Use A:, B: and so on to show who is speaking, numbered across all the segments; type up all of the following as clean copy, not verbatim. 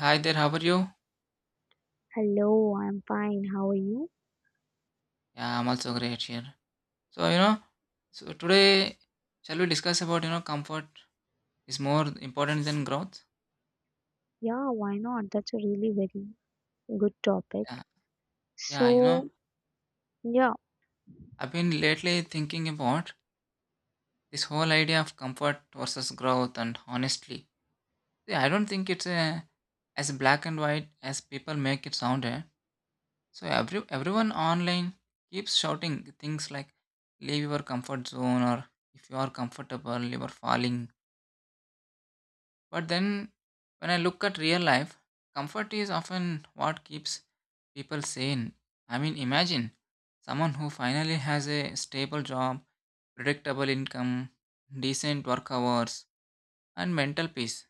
A: Hi there, how are you?
B: Hello, I'm fine. How are you?
A: Yeah, I'm also great here. So, you know, so today shall we discuss about comfort is more important than growth?
B: Yeah, why not? That's a really very good topic.
A: Yeah, yeah, you know,
B: So, yeah,
A: I've been lately thinking about this whole idea of comfort versus growth and honestly. See, I don't think as black and white as people make it sound. Eh? So everyone online keeps shouting things like leave your comfort zone, or if you are comfortable, you are falling. But then, when I look at real life, comfort is often what keeps people sane. I mean, imagine someone who finally has a stable job, predictable income, decent work hours, and mental peace.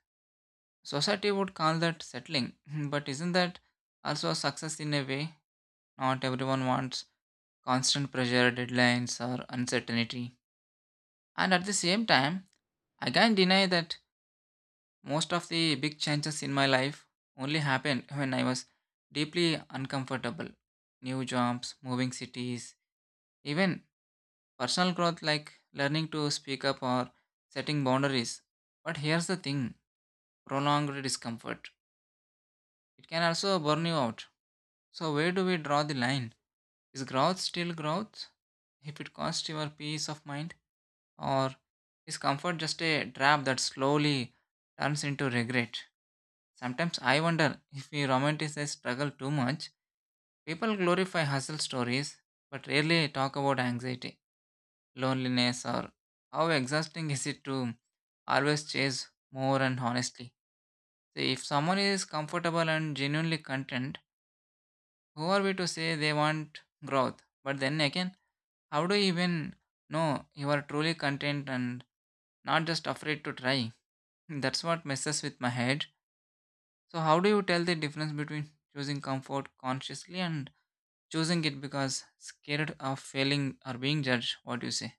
A: Society would call that settling, but isn't that also a success in a way? Not everyone wants constant pressure, deadlines, or uncertainty. And at the same time, I can't deny that most of the big changes in my life only happened when I was deeply uncomfortable. New jobs, moving cities, even personal growth like learning to speak up or setting boundaries. But here's the thing: prolonged discomfort, it can also burn you out. So, where do we draw the line? Is growth still growth if it costs your peace of mind? Or is comfort just a trap that slowly turns into regret? Sometimes I wonder if we romanticize struggle too much. People glorify hustle stories but rarely talk about anxiety, loneliness, or how exhausting is it to always chase more and honestly. So if someone is comfortable and genuinely content, who are we to say they want growth? But then again, how do you even know you are truly content and not just afraid to try? That's what messes with my head. So, how do you tell the difference between choosing comfort consciously and choosing it because scared of failing or being judged? What do you say?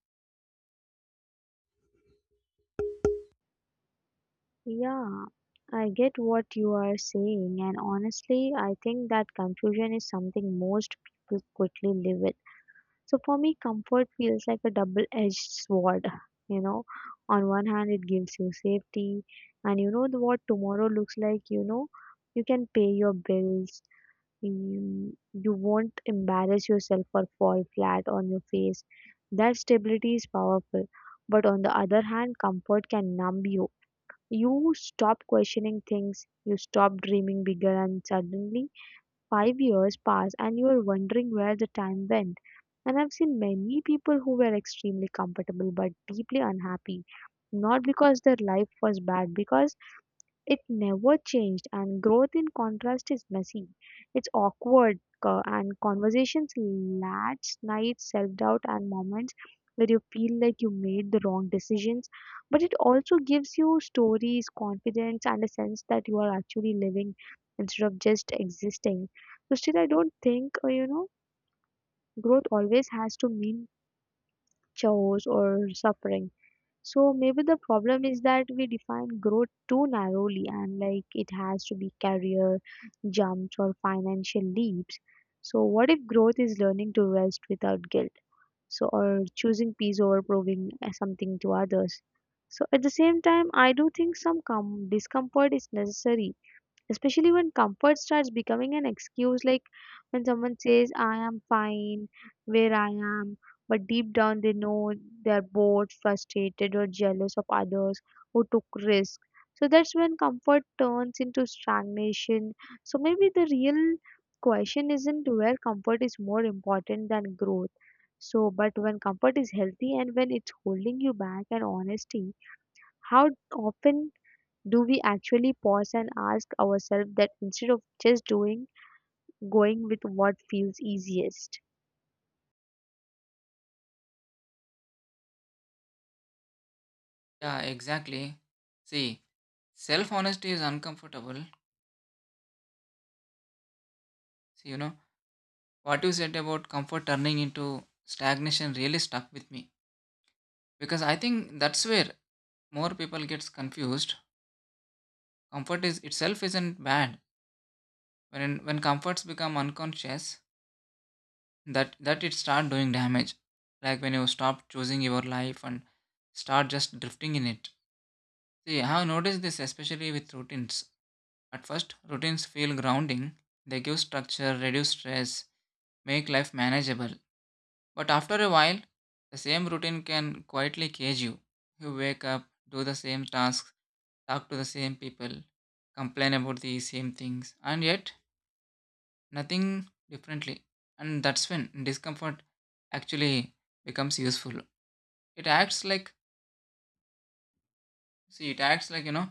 B: yeah, I get what you are saying, and honestly, I think that confusion is something most people quickly live with. So, for me, comfort feels like a double-edged sword. You know, on one hand, it gives you safety, and you know what tomorrow looks like, you know, you can pay your bills, you won't embarrass yourself or fall flat on your face. That stability is powerful. But on the other hand, comfort can numb you. You stop questioning things, you stop dreaming bigger, and suddenly 5 years pass and you are wondering where the time went. And I've seen many people who were extremely comfortable but deeply unhappy, not because their life was bad, because it never changed, and growth in contrast is messy. It's awkward, and conversations last nights, self doubt, and moments where you feel like you made the wrong decisions. But it also gives you stories, confidence, and a sense that you are actually living instead of just existing. So, still, I don't think, you know, growth always has to mean chores or suffering. So maybe the problem is that we define growth too narrowly and like it has to be career jumps or financial leaps. So what if growth is learning to rest without guilt? So or choosing peace over proving something to others. So at the same time, I do think some discomfort is necessary, especially when comfort starts becoming an excuse, like when someone says I am fine where I am, but deep down they know they're bored, frustrated, or jealous of others who took risks. So that's when comfort turns into stagnation. So maybe the real question isn't where comfort is more important than growth, so but when comfort is healthy and when it's holding you back, and honesty, how often do we actually pause and ask ourselves that instead of just doing going with what feels easiest.
A: Yeah, exactly. See, self honesty is uncomfortable. See, what you said about comfort turning into stagnation really stuck with me because I think that's where more people gets confused. Comfort is itself isn't bad. When comforts become unconscious, that it start doing damage, like when you stop choosing your life and start just drifting in it. See, I have noticed this especially with routines. At first routines feel grounding, they give structure, reduce stress, make life manageable. But after a while the same routine can quietly cage you. You wake up, do the same tasks, talk to the same people, complain about the same things, and yet nothing differently. And that's when discomfort actually becomes useful. It acts like, see, it acts like,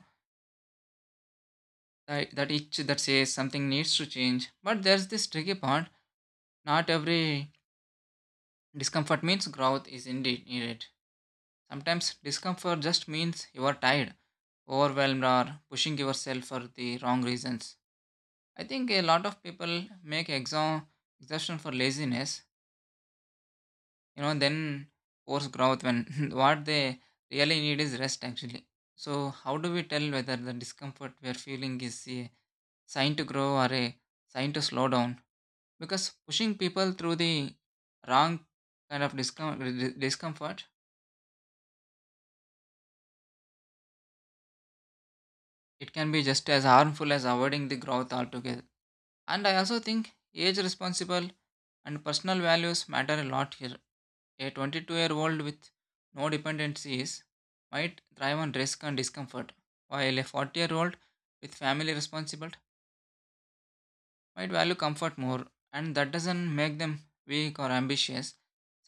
A: that, itch that says something needs to change. But there's this tricky part: not every discomfort means growth is indeed needed. Sometimes discomfort just means you are tired, overwhelmed, or pushing yourself for the wrong reasons. I think a lot of people make exo- exhaustion for laziness, you know, then force growth when what they really need is rest actually. So, how do we tell whether the discomfort we are feeling is a sign to grow or a sign to slow down? Because pushing people through the wrong kind of discom- discomfort, it can be just as harmful as avoiding the growth altogether. And I also think age, responsible, and personal values matter a lot here. A 22-year-old with no dependencies might thrive on risk and discomfort, while a 40-year-old with family responsible might value comfort more. And that doesn't make them weak or ambitious.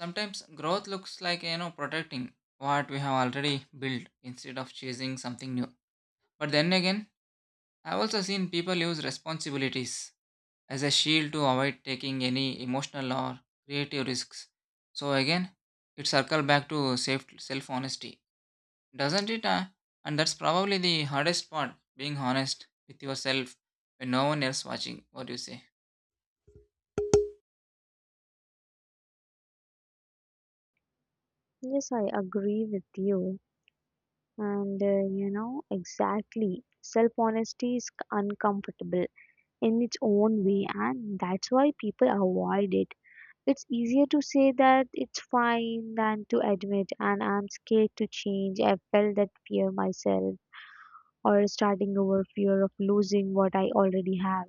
A: Sometimes growth looks like, you know, protecting what we have already built instead of chasing something new. But then again, I've also seen people use responsibilities as a shield to avoid taking any emotional or creative risks. So again, it circles back to self honesty, doesn't it? And that's probably the hardest part, being honest with yourself when no one else watching. What do you say?
B: Yes, I agree with you, and you know, exactly, self honesty is uncomfortable in its own way, and that's why people avoid it. It's easier to say that it's fine than to admit and I'm scared to change. I felt that fear myself, or starting over, fear of losing what I already have,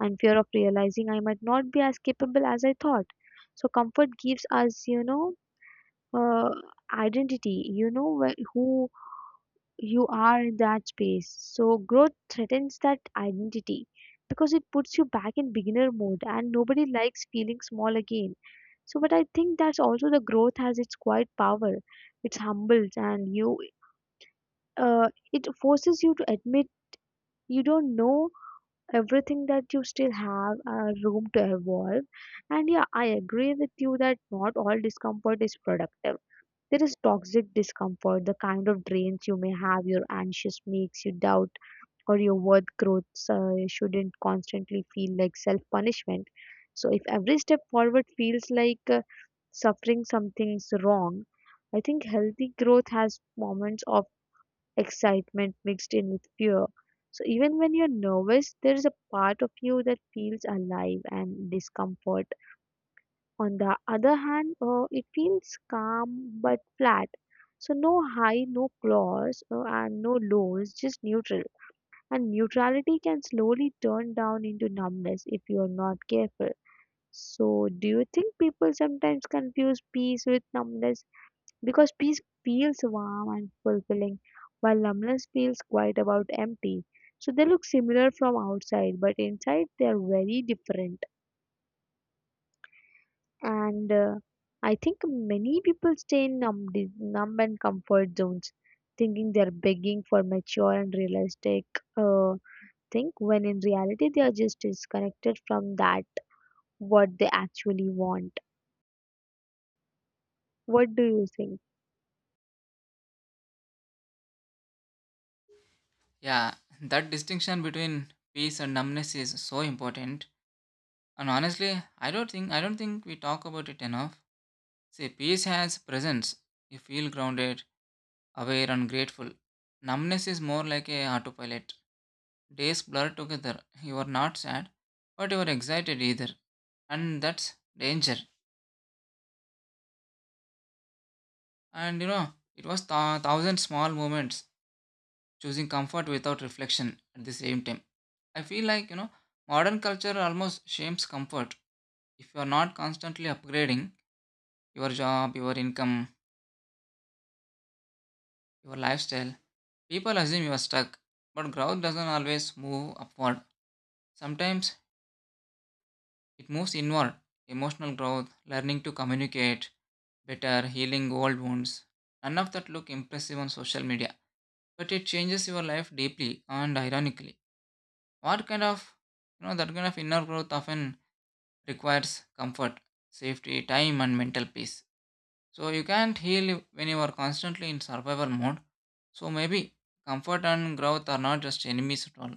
B: and fear of realizing I might not be as capable as I thought. So comfort gives us, you know, uh, identity. You know who you are in that space. So growth threatens that identity because it puts you back in beginner mode and nobody likes feeling small again. So, but I think that's also the growth has its quiet power. It's humbles and you, it forces you to admit you don't know everything, that you still have room to evolve. And yeah, I agree with you that not all discomfort is productive. There is toxic discomfort, the kind of drains you, may have your anxious, makes you doubt or your worth. Growth shouldn't constantly feel like self punishment. So if every step forward feels like suffering, something's wrong. I think healthy growth has moments of excitement mixed in with fear. So even when you're nervous, there is a part of you that feels alive. And discomfort, on the other hand, it feels calm but flat. So no high, no flaws, and no lows, just neutral. And neutrality can slowly turn down into numbness if you're not careful. So do you think people sometimes confuse peace with numbness? Because peace feels warm and fulfilling, while numbness feels quite about empty. So they look similar from outside, but inside they are very different. And I think many people stay in numb, numb and comfort zones, thinking they are begging for mature and realistic uh, thing, when in reality they are just disconnected from that what they actually want. What do you think?
A: Yeah, that distinction between peace and numbness is so important. And honestly, I don't think we talk about it enough. See, peace has presence. You feel grounded, aware, and grateful. Numbness is more like a autopilot. Days blur together. You are not sad, but you are excited either. And that's danger. And you know, it was thousand small moments choosing comfort without reflection at the same time. I feel like, you know, modern culture almost shames comfort. If you are not constantly upgrading your job, your income, your lifestyle, people assume you are stuck. But growth doesn't always move upward. Sometimes it moves inward. Emotional growth, learning to communicate better, healing old wounds. None of that look impressive on social media, but it changes your life deeply and ironically. What kind of, you know, that kind of inner growth often requires comfort, safety, time, and mental peace. So you can't heal when you are constantly in survival mode. So maybe comfort and growth are not just enemies at all.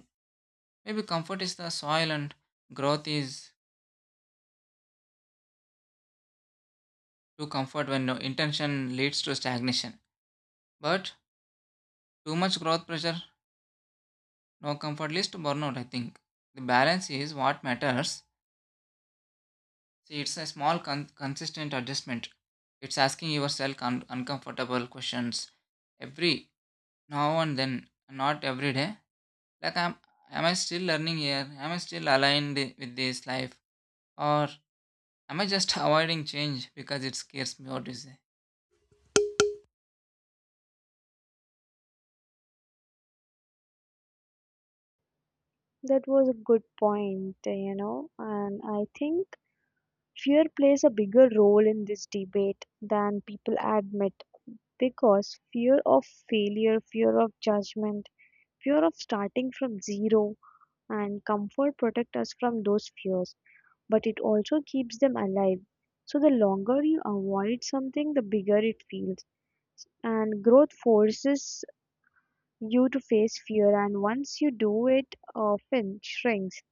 A: Maybe comfort is the soil and growth is too comfort when no intention leads to stagnation. But too much growth pressure, no comfort leads to burnout, I think. The balance is what matters. See, it's a consistent adjustment. It's asking yourself uncomfortable questions every now and then, not every day. Like, am I still learning here? Am I still aligned with this life? Or am I just avoiding change because it scares me? What do you say?
B: That was a good point, you know, and I think fear plays a bigger role in this debate than people admit, because fear of failure, fear of judgment, fear of starting from zero, and comfort protect us from those fears, but it also keeps them alive. So, the longer you avoid something, the bigger it feels. And growth forces you to face fear, and once you do, it often shrinks.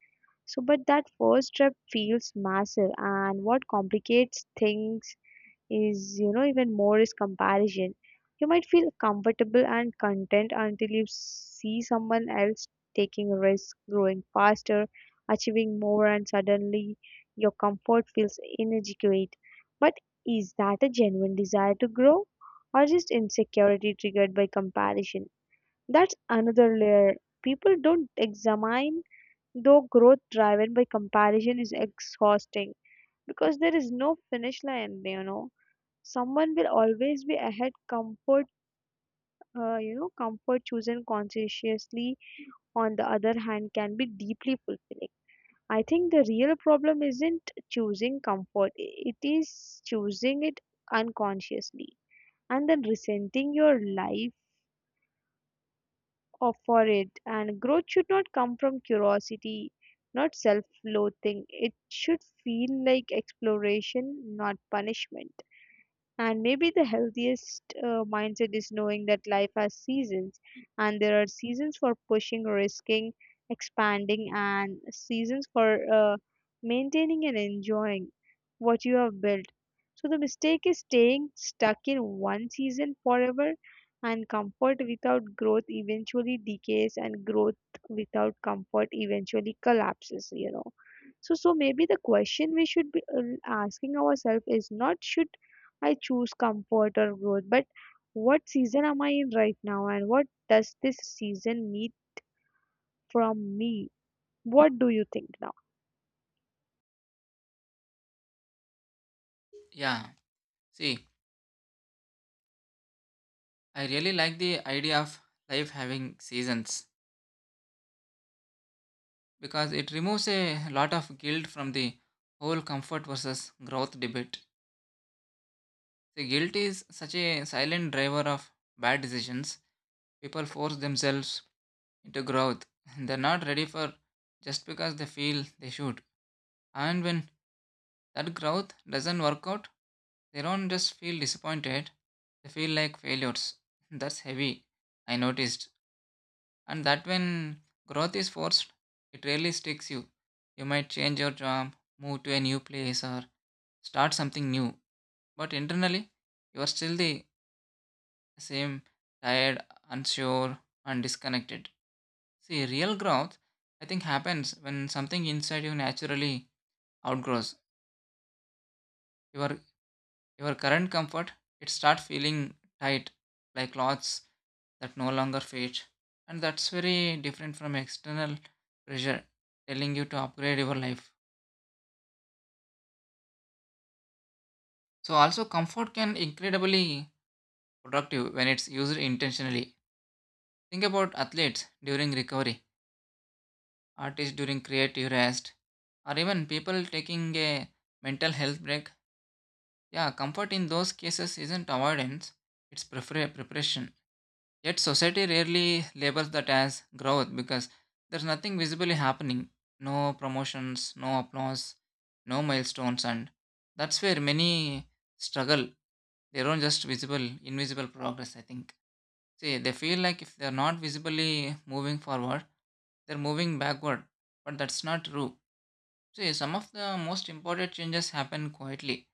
B: So, but that first step feels massive, and what complicates things is, you know, even more is comparison. You might feel comfortable and content until you see someone else taking risks, growing faster, achieving more, and suddenly your comfort feels inadequate. But is that a genuine desire to grow, or just insecurity triggered by comparison? That's another layer people don't examine, though growth driven by comparison is exhausting because there is no finish line, you know, someone will always be ahead. Comfort, you know, comfort chosen consciously, on the other hand, can be deeply fulfilling. I think the real problem isn't choosing comfort, it is choosing it unconsciously and then resenting your life for it. And growth should not come from curiosity, not self-loathing. It should feel like exploration, not punishment. And maybe the healthiest mindset is knowing that life has seasons, and there are seasons for pushing, risking, expanding, and seasons for maintaining and enjoying what you have built. So the mistake is staying stuck in one season forever, and comfort without growth eventually decays, and growth without comfort eventually collapses, you know. So, so maybe the question we should be asking ourselves is not should I choose comfort or growth, but what season am I in right now, and what does this season need from me? What do you think now?
A: Yeah. See, I really like the idea of life having seasons because it removes a lot of guilt from the whole comfort versus growth debate. See, guilt is such a silent driver of bad decisions. People force themselves into growth they're not ready for just because they feel they should. And when that growth doesn't work out, they don't just feel disappointed, they feel like failures. That's heavy, I noticed. And that when growth is forced, it really sticks you. You might change your job, move to a new place, or start something new. But internally, you are still the same, tired, unsure, and disconnected. See, real growth, I think, happens when something inside you naturally outgrows Your your current comfort, it start feeling tight, like clothes that no longer fit. And that's very different from external pressure telling you to upgrade your life. So also comfort can incredibly productive when it's used intentionally. Think about athletes during recovery, artists during creative rest, or even people taking a mental health break. Yeah, comfort in those cases isn't avoidance, preparation. Yet society rarely labels that as growth because there's nothing visibly happening. No promotions, no applause, no milestones, and that's where many struggle. They don't just visible, invisible progress, I think. See, they feel like if they're not visibly moving forward, they're moving backward. But that's not true. See, some of the most important changes happen quietly,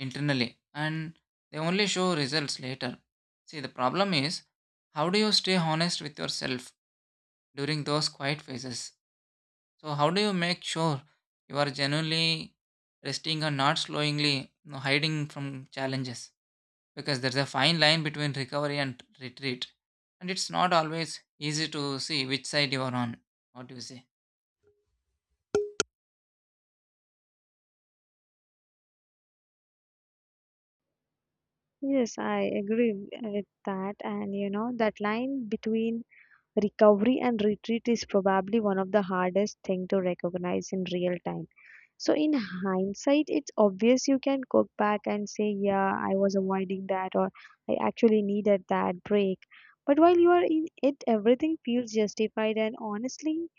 A: internally, and they only show results later. See, the problem is, how do you stay honest with yourself during those quiet phases? So, how do you make sure you are genuinely resting and not slowly, you know, hiding from challenges? Because there's a fine line between recovery and retreat, and it's not always easy to see which side you are on. What do you say?
B: Yes, I agree with that. And you know, that line between recovery and retreat is probably one of the hardest thing to recognize in real time. So in hindsight, it's obvious, you can go back and say, yeah, I was avoiding that, or I actually needed that break. But while you are in it, everything feels justified, and honestly,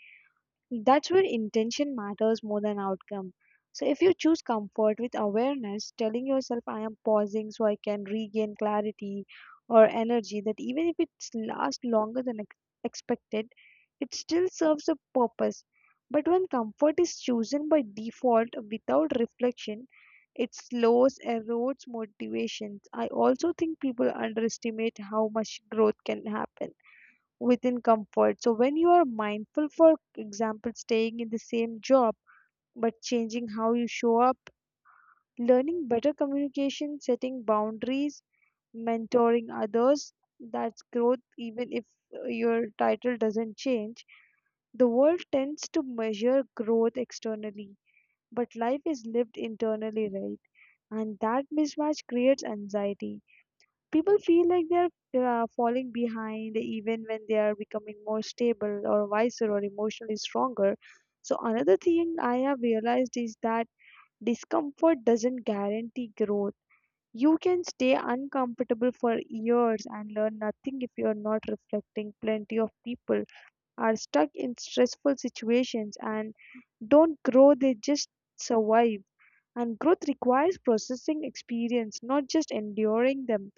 B: that's where intention matters more than outcome. So, if you choose comfort with awareness, telling yourself, I am pausing so I can regain clarity or energy, that even if it lasts longer than expected, it still serves a purpose. But when comfort is chosen by default without reflection, it slows, erodes motivations. I also think people underestimate how much growth can happen within comfort. So when you are mindful, for example, staying in the same job but changing how you show up, learning better communication, setting boundaries, mentoring others, that's growth, even if your title doesn't change. The world tends to measure growth externally, but life is lived internally, right? And that mismatch creates anxiety. People feel like they're falling behind even when they are becoming more stable or wiser or emotionally stronger. So another thing I have realized is that discomfort doesn't guarantee growth. You can stay uncomfortable for years and learn nothing if you are not reflecting. Plenty of people are stuck in stressful situations and don't grow, they just survive. And growth requires processing experience, not just enduring them.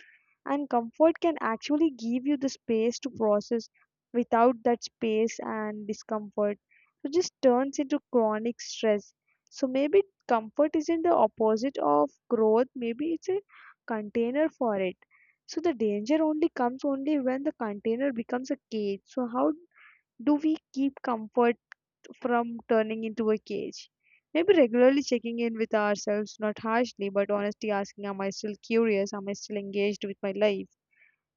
B: And comfort can actually give you the space to process. Without that space, and discomfort so just turns into chronic stress. So maybe comfort isn't the opposite of growth, maybe it's a container for it. So the danger only comes only when the container becomes a cage. So how do we keep comfort from turning into a cage? Maybe regularly checking in with ourselves, not harshly but honestly, asking, am I still curious, am I still engaged with my life?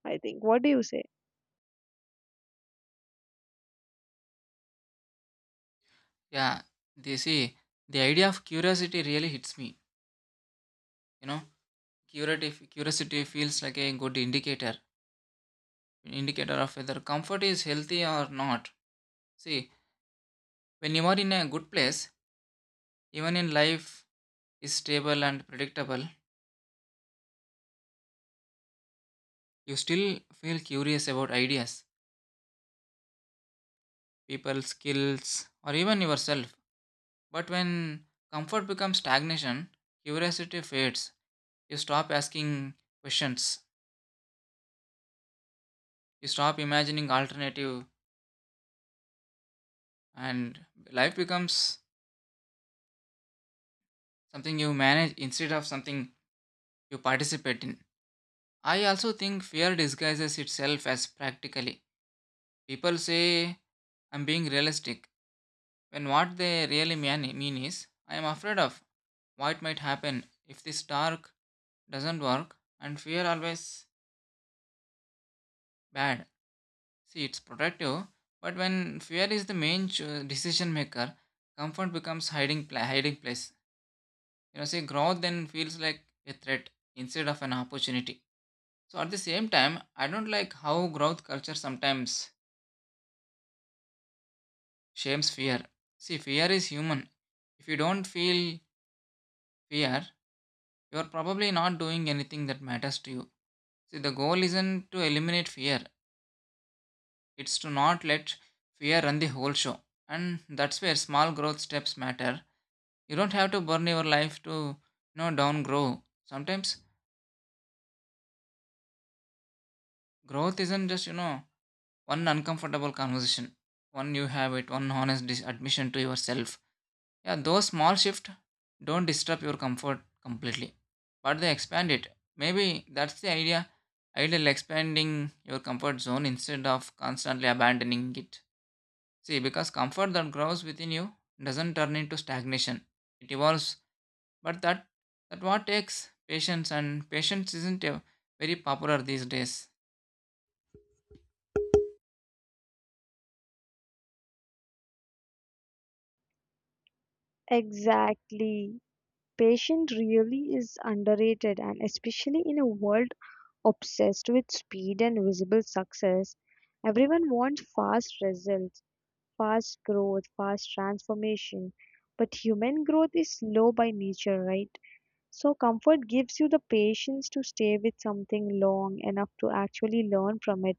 B: I think. What do you say?
A: Yeah, they see the idea of curiosity really hits me. You know, curiosity feels like a good indicator, an indicator of whether comfort is healthy or not. See, when you are in a good place, even in life is stable and predictable, you still feel curious about ideas, people, skills, or even yourself. But when comfort becomes stagnation, curiosity fades. You stop asking questions, you stop imagining alternative, and life becomes something you manage instead of something you participate in. I also think fear disguises itself as practically. People say, I'm being realistic, when what they really mean is, I am afraid of what might happen if this dark doesn't work. And fear always bad, see, it's protective. But when fear is the decision maker, comfort becomes hiding place, you know. See, growth then feels like a threat instead of an opportunity. So at the same time, I don't like how growth culture sometimes shames fear. See, fear is human. If you don't feel fear, you're probably not doing anything that matters to you. See, the goal isn't to eliminate fear, it's to not let fear run the whole show. And that's where small growth steps matter. You don't have to burn your life to, you know, down grow. Sometimes growth isn't just, you know, one uncomfortable conversation, one you have it, one admission to yourself. Yeah, those small shifts don't disturb your comfort completely, but they expand it. Maybe that's the idea. Ideal expanding your comfort zone instead of constantly abandoning it. See, because comfort that grows within you doesn't turn into stagnation. It evolves, but that what takes patience. And patience isn't very popular these days.
B: Exactly. Patience really is underrated, and especially in a world obsessed with speed and visible success. Everyone wants fast results, fast growth, fast transformation. But human growth is slow by nature, right? So, comfort gives you the patience to stay with something long enough to actually learn from it.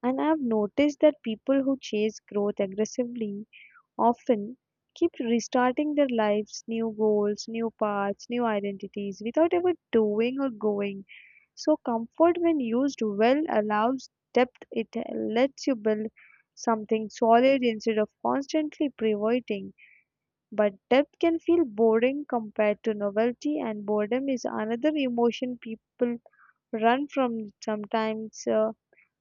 B: And I've noticed that people who chase growth aggressively often keep restarting their lives, new goals, new paths, new identities, without ever doing or going. So, comfort, when used well, allows depth, it lets you build something solid instead of constantly pivoting. But depth can feel boring compared to novelty, and boredom is another emotion people run from sometimes.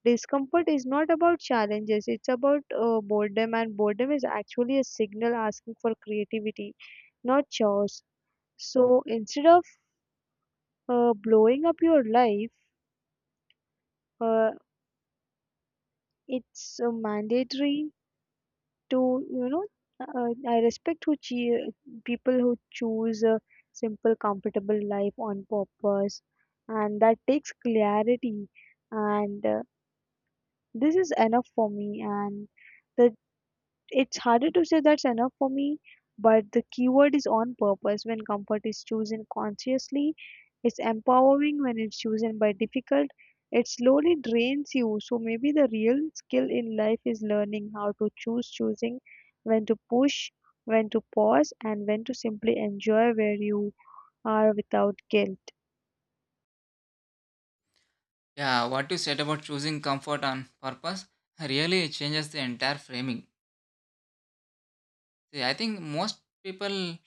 B: Discomfort is not about challenges, it's about boredom, and boredom is actually a signal asking for creativity, not chores. So instead of blowing up your life, uh, it's mandatory to, you know, uh, I respect people who choose a simple comfortable life on purpose, and that takes clarity. And this is enough for me, and the it's harder to say that's enough for me, but the keyword is on purpose. When comfort is chosen consciously, it's empowering. When it's chosen by difficult, it slowly drains you. So maybe the real skill in life is learning how to choose, choosing when to push, when to pause, and when to simply enjoy where you are without guilt.
A: Yeah, what you said about choosing comfort on purpose really changes the entire framing. See, I think most people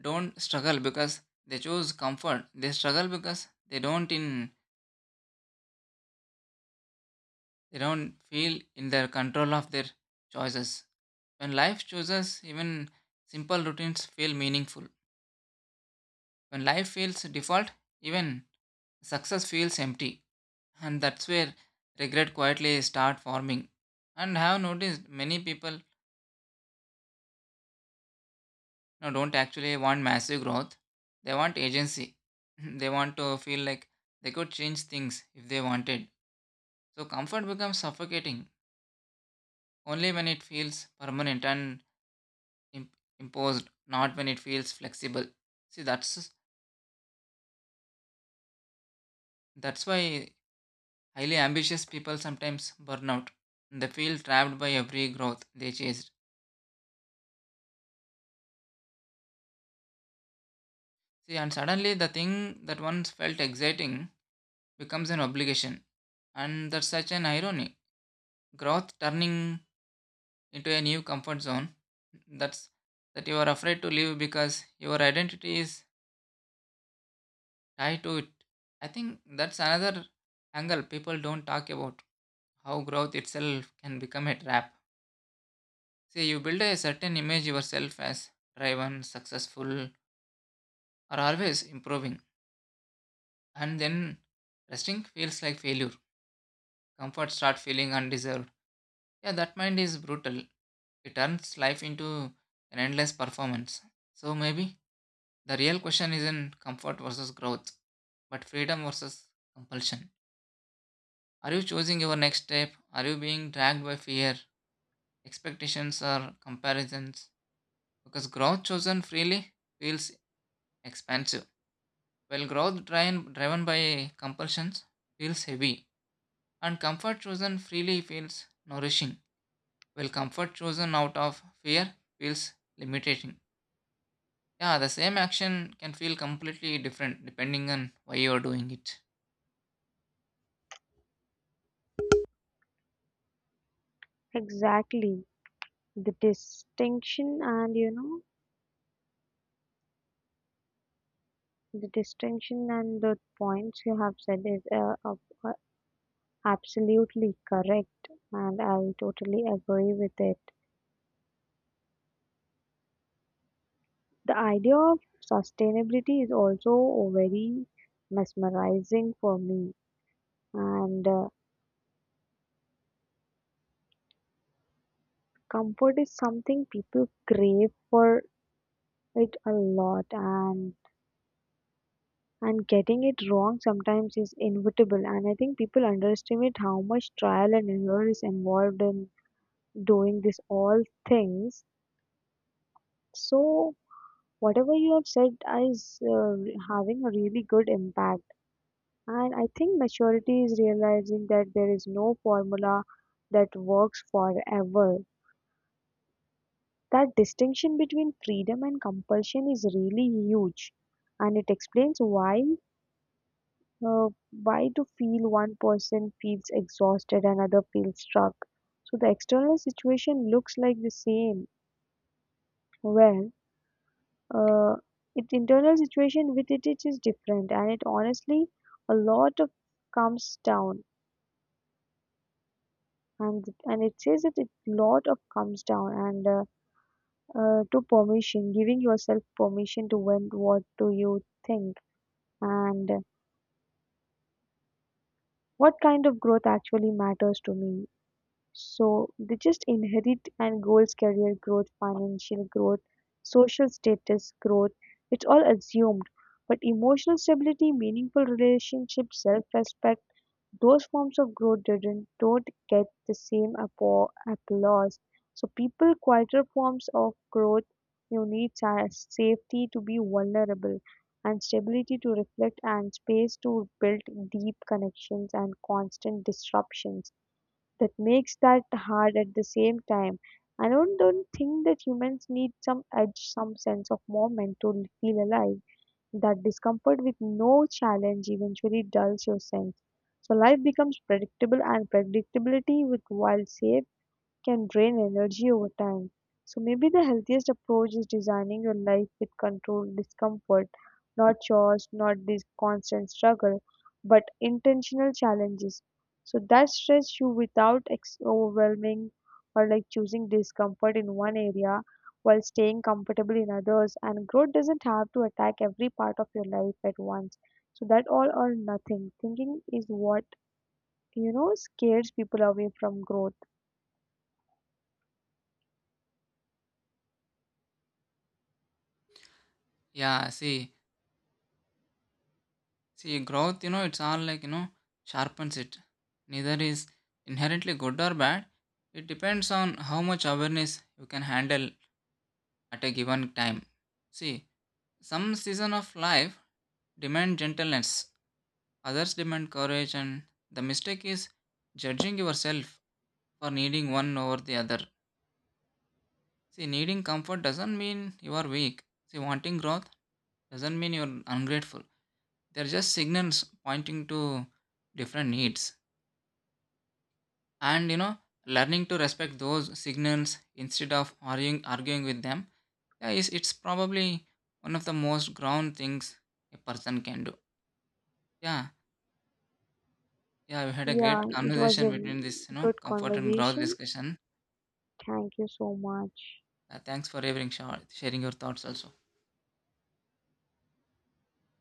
A: don't struggle because they choose comfort. They struggle because they don't feel in their control of their choices. When life chooses, even simple routines feel meaningful. When life feels default, even success feels empty. And that's where regret quietly start forming. And I have noticed many people, you know, don't actually want massive growth. They want agency. They want to feel like they could change things if they wanted. So comfort becomes suffocating only when it feels permanent and imposed, not when it feels flexible. See, that's why highly ambitious people sometimes burn out. They feel trapped by every growth they chased. See, and suddenly the thing that once felt exciting becomes an obligation. And that's such an irony. Growth turning into a new comfort zone that's that you are afraid to leave because your identity is tied to it. I think that's another angle people don't talk about, how growth itself can become a trap. See, you build a certain image yourself as driven, successful, are always improving, and then resting feels like failure. Comfort start feeling undeserved. Yeah, that mind is brutal. It turns life into an endless performance. So maybe the real question isn't comfort versus growth, but freedom versus compulsion. Are you choosing your next step? Are you being dragged by fear, expectations, or comparisons? Because growth chosen freely feels expansive, while growth driven by compulsions feels heavy. And comfort chosen freely feels nourishing, while comfort chosen out of fear feels limiting. Yeah, the same action can feel completely different depending on why you're doing it.
B: Exactly. The distinction and you know the distinction and the points you have said is up absolutely correct, and I totally agree with it. The idea of sustainability is also very mesmerizing for me, and comfort is something people crave for it a lot, and getting it wrong sometimes is inevitable. And I think people underestimate how much trial and error is involved in doing this all things. So whatever you have said is having a really good impact. And I think maturity is realizing that there is no formula that works forever. That distinction between freedom and compulsion is really huge, and it explains why to feel one person feels exhausted, another feels struck. So the external situation looks like the same. Well, uh, its internal situation with it, it is different, and it honestly a lot of comes down. And it says that a lot of comes down and to permission, giving yourself permission to, when what do you think, and what kind of growth actually matters to me. So they just inherit and goals, career growth, financial growth, social status growth, it's all assumed. But emotional stability, meaningful relationships, self-respect, those forms of growth didn't don't get the same applause. So people quieter forms of growth, you need safety to be vulnerable, and stability to reflect, and space to build deep connections, and constant disruptions that makes that hard at the same time. I don't think that humans need some edge, some sense of moment to feel alive. That discomfort with no challenge eventually dulls your sense. So life becomes predictable, and predictability with wild shape can drain energy over time. So maybe the healthiest approach is designing your life with controlled discomfort, not chores, not this constant struggle, but intentional challenges. So that stretch you without overwhelming, or like choosing discomfort in one area while staying comfortable in others. And growth doesn't have to attack every part of your life at once. So that all or nothing thinking is what, you know, scares people away from growth.
A: Yeah, see, growth, you know, it's all like, you know, sharpens it. Neither is inherently good or bad. It depends on how much awareness you can handle at a given time. See, some season of life demand gentleness, others demand courage, and the mistake is judging yourself for needing one over the other. See, needing comfort doesn't mean you are weak. See, wanting growth doesn't mean you're ungrateful. They're just signals pointing to different needs. And you know, learning to respect those signals instead of arguing with them, yeah, is it's probably one of the most ground things a person can do. Yeah, yeah, we had a
B: Yeah,
A: great
B: it was a
A: conversation between this, you know,
B: good
A: comfort and growth
B: conversation.
A: discussion.
B: Thank you so much.
A: Thanks for sharing your thoughts also.